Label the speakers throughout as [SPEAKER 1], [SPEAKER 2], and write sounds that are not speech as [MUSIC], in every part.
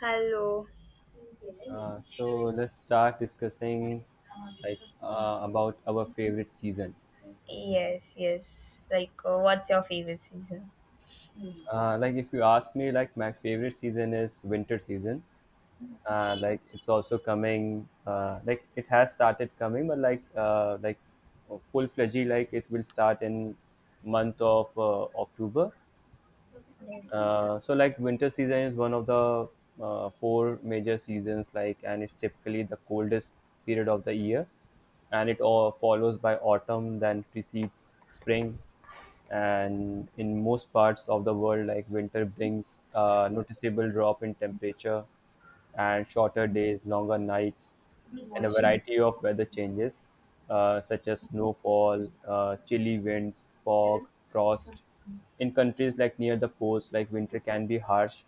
[SPEAKER 1] Hello.
[SPEAKER 2] So let's start discussing like about our favorite season.
[SPEAKER 1] Yes, yes. Like, what's your favorite season?
[SPEAKER 2] Like if you ask me, like my favorite season is winter season. Like it's also coming. Like it has started coming, but like full fledged, like it will start in month of October. So like winter season is one of the four major seasons like, and it's typically the coldest period of the year, and it all follows by autumn then precedes spring. And in most parts of the world, like winter brings a noticeable drop in temperature and shorter days, longer nights, and a variety of weather changes, such as snowfall, chilly winds, fog, frost. In countries like near the poles, like winter can be harsh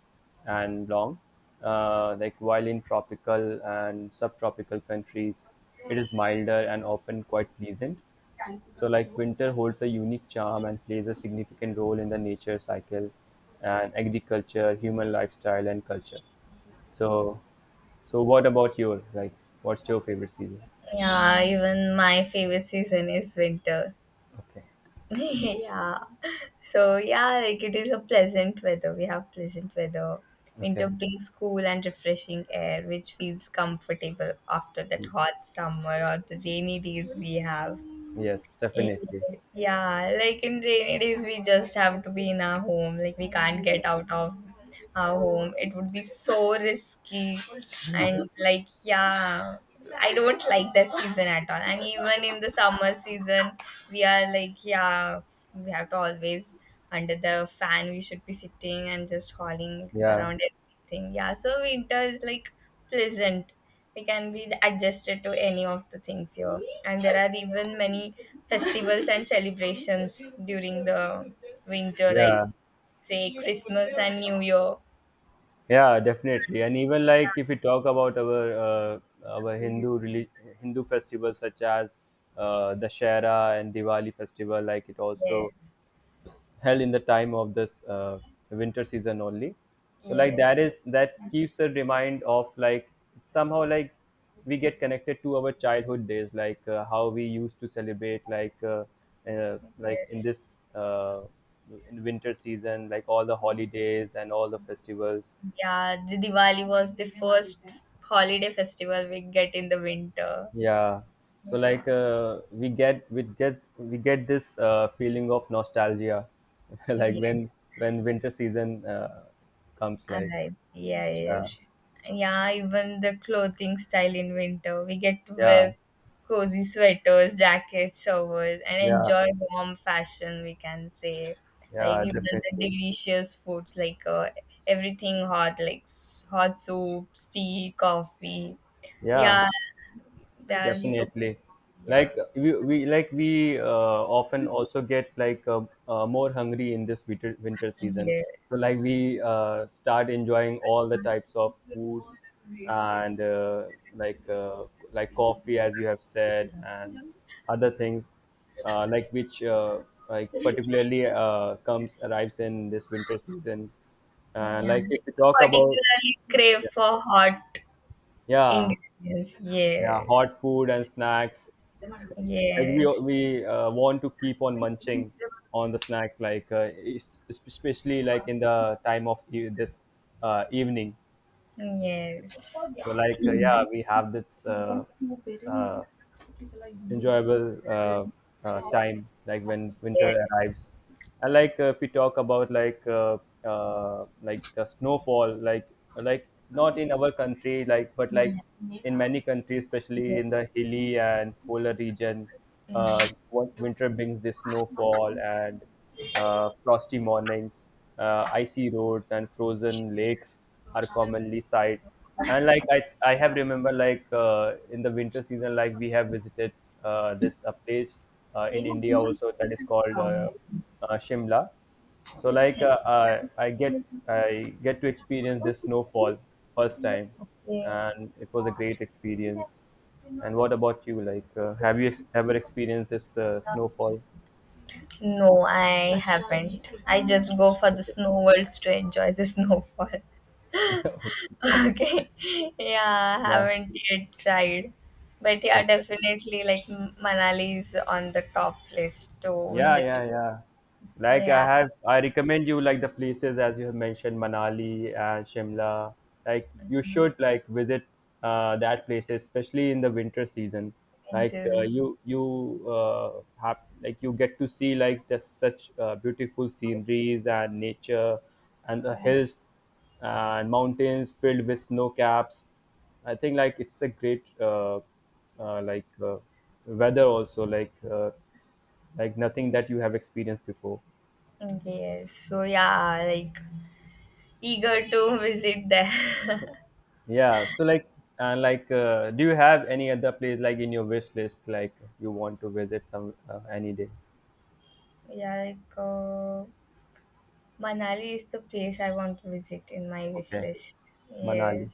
[SPEAKER 2] and long, like while in tropical and subtropical countries, it is milder and often quite pleasant. So, like winter holds a unique charm and plays a significant role in the nature cycle and agriculture, human lifestyle, and culture. So, so what about your, like? What's your favorite season?
[SPEAKER 1] Yeah, even my favorite season is winter.
[SPEAKER 2] Okay.
[SPEAKER 1] [LAUGHS] Yeah. So, yeah, like it is a pleasant weather. We have pleasant weather. Winter
[SPEAKER 2] Okay.
[SPEAKER 1] brings cool and refreshing air, which feels comfortable after that hot summer or the rainy days we have.
[SPEAKER 2] Yes,
[SPEAKER 1] Eh,
[SPEAKER 2] definitely.
[SPEAKER 1] Yeah, like in rainy days, we just have to be in our home. Like we can't
[SPEAKER 2] Yeah.
[SPEAKER 1] get out of our home. It would be so risky,
[SPEAKER 2] Yeah.
[SPEAKER 1] and like yeah, I don't like that season at all. And even in the summer season, we are like yeah, we have to always under the fan. We should be sitting and just hauling
[SPEAKER 2] Yeah.
[SPEAKER 1] around everything. Yeah, so winter is like pleasant, we can be adjusted to any of the things here, and there are even many festivals and [LAUGHS] celebrations during the winter, like
[SPEAKER 2] Yeah.
[SPEAKER 1] say Christmas and new year.
[SPEAKER 2] Yeah, definitely. And even like if we talk about our Hindu festivals such as Dashera and Diwali festival, like it also
[SPEAKER 1] Yes,
[SPEAKER 2] held in the time of this winter season only. So like that
[SPEAKER 1] yes,
[SPEAKER 2] is, that keeps a remind of, like, somehow, like we get connected to our childhood days like how we used to celebrate like
[SPEAKER 1] yes.
[SPEAKER 2] in winter season, like all the holidays and all the festivals.
[SPEAKER 1] Yeah, the Diwali was the first holiday festival we get in the winter.
[SPEAKER 2] Yeah, so
[SPEAKER 1] Yeah,
[SPEAKER 2] like we get this feeling of nostalgia [LAUGHS] like
[SPEAKER 1] yeah.
[SPEAKER 2] when winter season comes, like.
[SPEAKER 1] Alright, yeah,
[SPEAKER 2] Yeah.
[SPEAKER 1] yes. Yeah, even the clothing style in winter. We get to
[SPEAKER 2] Yeah,
[SPEAKER 1] wear cozy sweaters, jackets, sovers, and
[SPEAKER 2] yeah,
[SPEAKER 1] enjoy warm fashion, we can say. Like
[SPEAKER 2] yeah,
[SPEAKER 1] even the
[SPEAKER 2] definitely.
[SPEAKER 1] delicious foods, like everything hot, like hot soups, tea, coffee.
[SPEAKER 2] Yeah,
[SPEAKER 1] Yeah, that's so,
[SPEAKER 2] definitely.
[SPEAKER 1] yeah,
[SPEAKER 2] Like we often also get more hungry in this winter season. So
[SPEAKER 1] yes.
[SPEAKER 2] like we start enjoying all the types of foods and like uh, like coffee, as you have said, and other things like which like particularly comes arrives in this winter season. And
[SPEAKER 1] Yeah, like,
[SPEAKER 2] like if you
[SPEAKER 1] we
[SPEAKER 2] talk about...
[SPEAKER 1] particularly crave for hot
[SPEAKER 2] Yeah,
[SPEAKER 1] ingredients.
[SPEAKER 2] yeah,
[SPEAKER 1] Yes,
[SPEAKER 2] hot food and snacks. Like we
[SPEAKER 1] yes.
[SPEAKER 2] we uh, want to keep on munching on the snacks, like especially like in the time of this evening.
[SPEAKER 1] Yes,
[SPEAKER 2] So like yeah, we have this uh, enjoyable time like when
[SPEAKER 1] yes,
[SPEAKER 2] winter arrives, and like if we talk about like the snowfall, like not in our country, like but like in many countries, especially in
[SPEAKER 1] yes.
[SPEAKER 2] the hilly and polar region.
[SPEAKER 1] Mm.
[SPEAKER 2] What winter brings, this snowfall and frosty mornings, icy roads, and frozen lakes are commonly sights. And like I have remember like in the winter season, like we have visited this a place in India also, that is called Shimla. So like I get to experience this snowfall first time,
[SPEAKER 1] Yeah.
[SPEAKER 2] and it was a great experience. And what about you? Like, have you ever experienced this snowfall?
[SPEAKER 1] No, I haven't. I just go for the
[SPEAKER 2] Okay.
[SPEAKER 1] snow worlds to enjoy the snowfall. [LAUGHS]
[SPEAKER 2] [LAUGHS]
[SPEAKER 1] Okay. Yeah, I
[SPEAKER 2] Yeah.
[SPEAKER 1] haven't yet tried. But yeah,
[SPEAKER 2] Okay.
[SPEAKER 1] definitely like Manali is on the top list to
[SPEAKER 2] Yeah,
[SPEAKER 1] visit.
[SPEAKER 2] yeah, yeah. Like
[SPEAKER 1] Yeah.
[SPEAKER 2] I recommend you like the places as you have mentioned, Manali and Shimla. Like you
[SPEAKER 1] Mhm.
[SPEAKER 2] should like visit that places, especially in the winter season. Like
[SPEAKER 1] And
[SPEAKER 2] you have, like you get to see like the such beautiful sceneries and nature, and the hills and mountains filled with snow caps. I think like it's a great like weather also, like nothing that you have experienced before.
[SPEAKER 1] yes, so yeah, like eager to visit there. [LAUGHS]
[SPEAKER 2] Yeah, so like... and like do you have any other place like in your wish list, like you want to visit some any day?
[SPEAKER 1] Yeah, like Manali is the place I want to visit in my wish
[SPEAKER 2] Okay.
[SPEAKER 1] list.
[SPEAKER 2] Manali,
[SPEAKER 1] Yes,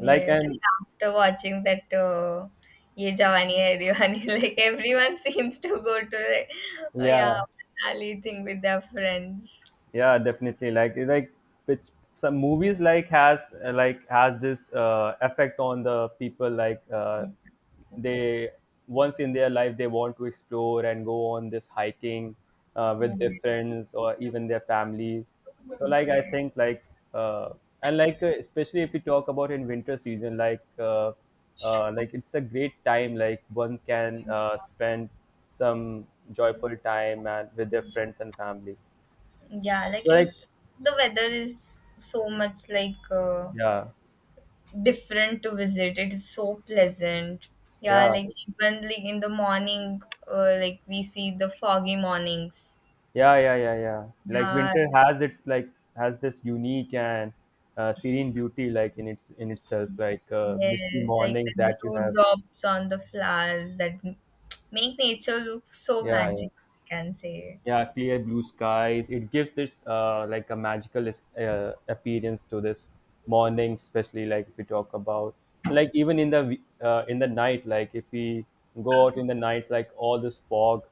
[SPEAKER 2] like, and...
[SPEAKER 1] After watching that Ye Jawani Hai Diwani, [LAUGHS] like everyone seems to go to the oh
[SPEAKER 2] yeah.
[SPEAKER 1] yeah Manali thing with their friends.
[SPEAKER 2] Yeah, definitely. Like like it's, some movies like has this effect on the people like they, once in their life they want to explore and go on this hiking with their
[SPEAKER 1] Mm.
[SPEAKER 2] friends or even their families. So like
[SPEAKER 1] Yeah.
[SPEAKER 2] I think like uh, and like especially if we talk about in winter season, like it's a great time, like one can spend some joyful time and with their friends and family,
[SPEAKER 1] Yeah, like it.
[SPEAKER 2] like.
[SPEAKER 1] The weather is so much like
[SPEAKER 2] Yeah,
[SPEAKER 1] different to visit. It is so pleasant. Yeah,
[SPEAKER 2] yeah,
[SPEAKER 1] like even like in the morning, like we see the foggy mornings.
[SPEAKER 2] yeah, yeah, yeah, yeah. Like
[SPEAKER 1] Yeah,
[SPEAKER 2] winter has its, like, has this unique and serene beauty, like in itself, like misty
[SPEAKER 1] yes, like
[SPEAKER 2] mornings
[SPEAKER 1] the
[SPEAKER 2] that you have.
[SPEAKER 1] dewdrops on the flowers that make nature look so
[SPEAKER 2] Yeah, yeah.
[SPEAKER 1] magical, I can say.
[SPEAKER 2] Yeah, clear blue skies, it gives this like a magical appearance to this morning, especially like if we talk about. And like even in the in the night, like if we go out in the night, like all this fog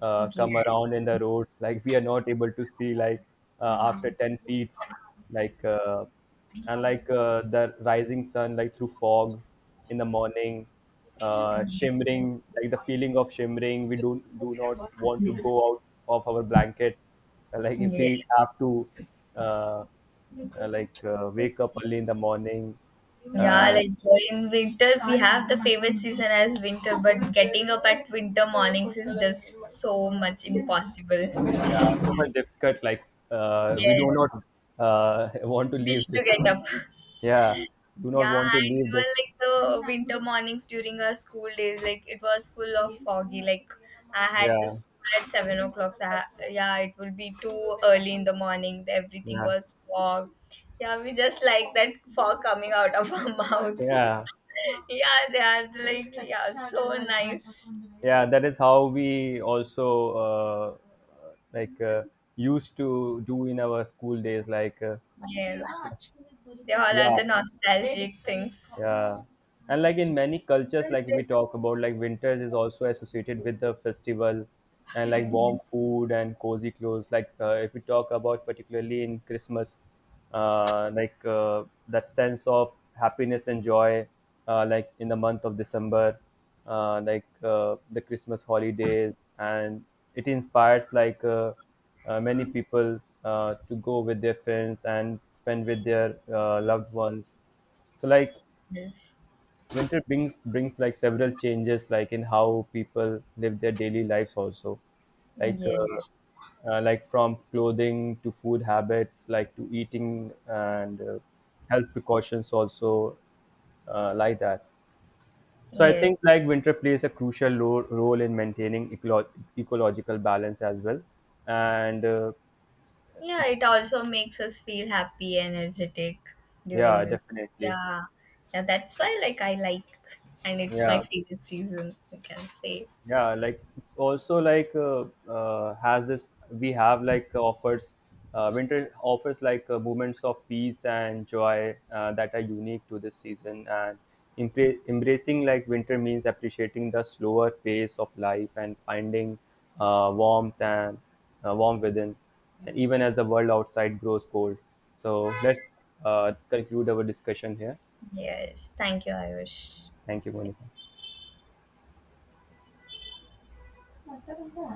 [SPEAKER 2] come
[SPEAKER 1] Yes.
[SPEAKER 2] around in the roads, like we are not able to see, like after 10 feet, like and like the rising sun like through fog in the morning shimmering, like the feeling of shimmering, we do not want to go out of our blanket. Like if we
[SPEAKER 1] Yes.
[SPEAKER 2] have to uh, like wake up early in the morning.
[SPEAKER 1] Yeah,
[SPEAKER 2] And
[SPEAKER 1] like in winter, we have the favorite season as winter, but getting up at winter mornings is just so much
[SPEAKER 2] so
[SPEAKER 1] impossible.
[SPEAKER 2] yeah, so much difficult, like we
[SPEAKER 1] Yes,
[SPEAKER 2] do not uh, [LAUGHS] want to leave
[SPEAKER 1] wish to
[SPEAKER 2] this.
[SPEAKER 1] get up.
[SPEAKER 2] Yeah, do not
[SPEAKER 1] Yeah,
[SPEAKER 2] want to
[SPEAKER 1] and
[SPEAKER 2] leave
[SPEAKER 1] we were
[SPEAKER 2] this.
[SPEAKER 1] like the winter mornings during our school days, like it was full of foggy. Like I had the
[SPEAKER 2] Yeah,
[SPEAKER 1] school at 7 o'clock. So I, yeah, it would be too early in the morning. Everything
[SPEAKER 2] yeah,
[SPEAKER 1] was fog. Yeah, we just like that fog coming out of our mouth.
[SPEAKER 2] yeah,
[SPEAKER 1] [LAUGHS] Yeah, they are like yeah, so nice.
[SPEAKER 2] yeah, that is how we also uh, like used to do in our school days, like
[SPEAKER 1] Yes, they all are
[SPEAKER 2] yeah.
[SPEAKER 1] the nostalgic things.
[SPEAKER 2] Yeah. And like in many cultures, like we talk about, like winters is also associated with the festival and like
[SPEAKER 1] Mm.
[SPEAKER 2] warm food and cozy clothes. Like if we talk about particularly in Christmas, like that sense of happiness and joy, like in the month of December, like the Christmas holidays, and it inspires, like many people to go with their friends and spend with their loved ones. So like
[SPEAKER 1] Yes,
[SPEAKER 2] winter brings, like, several changes, like in how people live their daily lives also, like
[SPEAKER 1] yes,
[SPEAKER 2] uh, like from clothing to food habits, like to eating, and health precautions also, like that. So I
[SPEAKER 1] yes.
[SPEAKER 2] think like winter plays a crucial role in maintaining ecological balance as well, and
[SPEAKER 1] Yeah,
[SPEAKER 2] it's...
[SPEAKER 1] it also makes us feel happy, energetic during
[SPEAKER 2] yeah,
[SPEAKER 1] this.
[SPEAKER 2] definitely.
[SPEAKER 1] Yeah, yeah, that's why like I like, and it's my
[SPEAKER 2] Yeah,
[SPEAKER 1] favorite season. We can say
[SPEAKER 2] yeah. Like it's also like has this, we have like offers, winter offers like moments of peace and joy that are unique to this season, and embracing like winter means appreciating the slower pace of life and finding warmth and warmth within, and even as the world outside grows cold. So let's conclude our discussion here.
[SPEAKER 1] yes. Thank you, Ayush.
[SPEAKER 2] Thank you, Monica.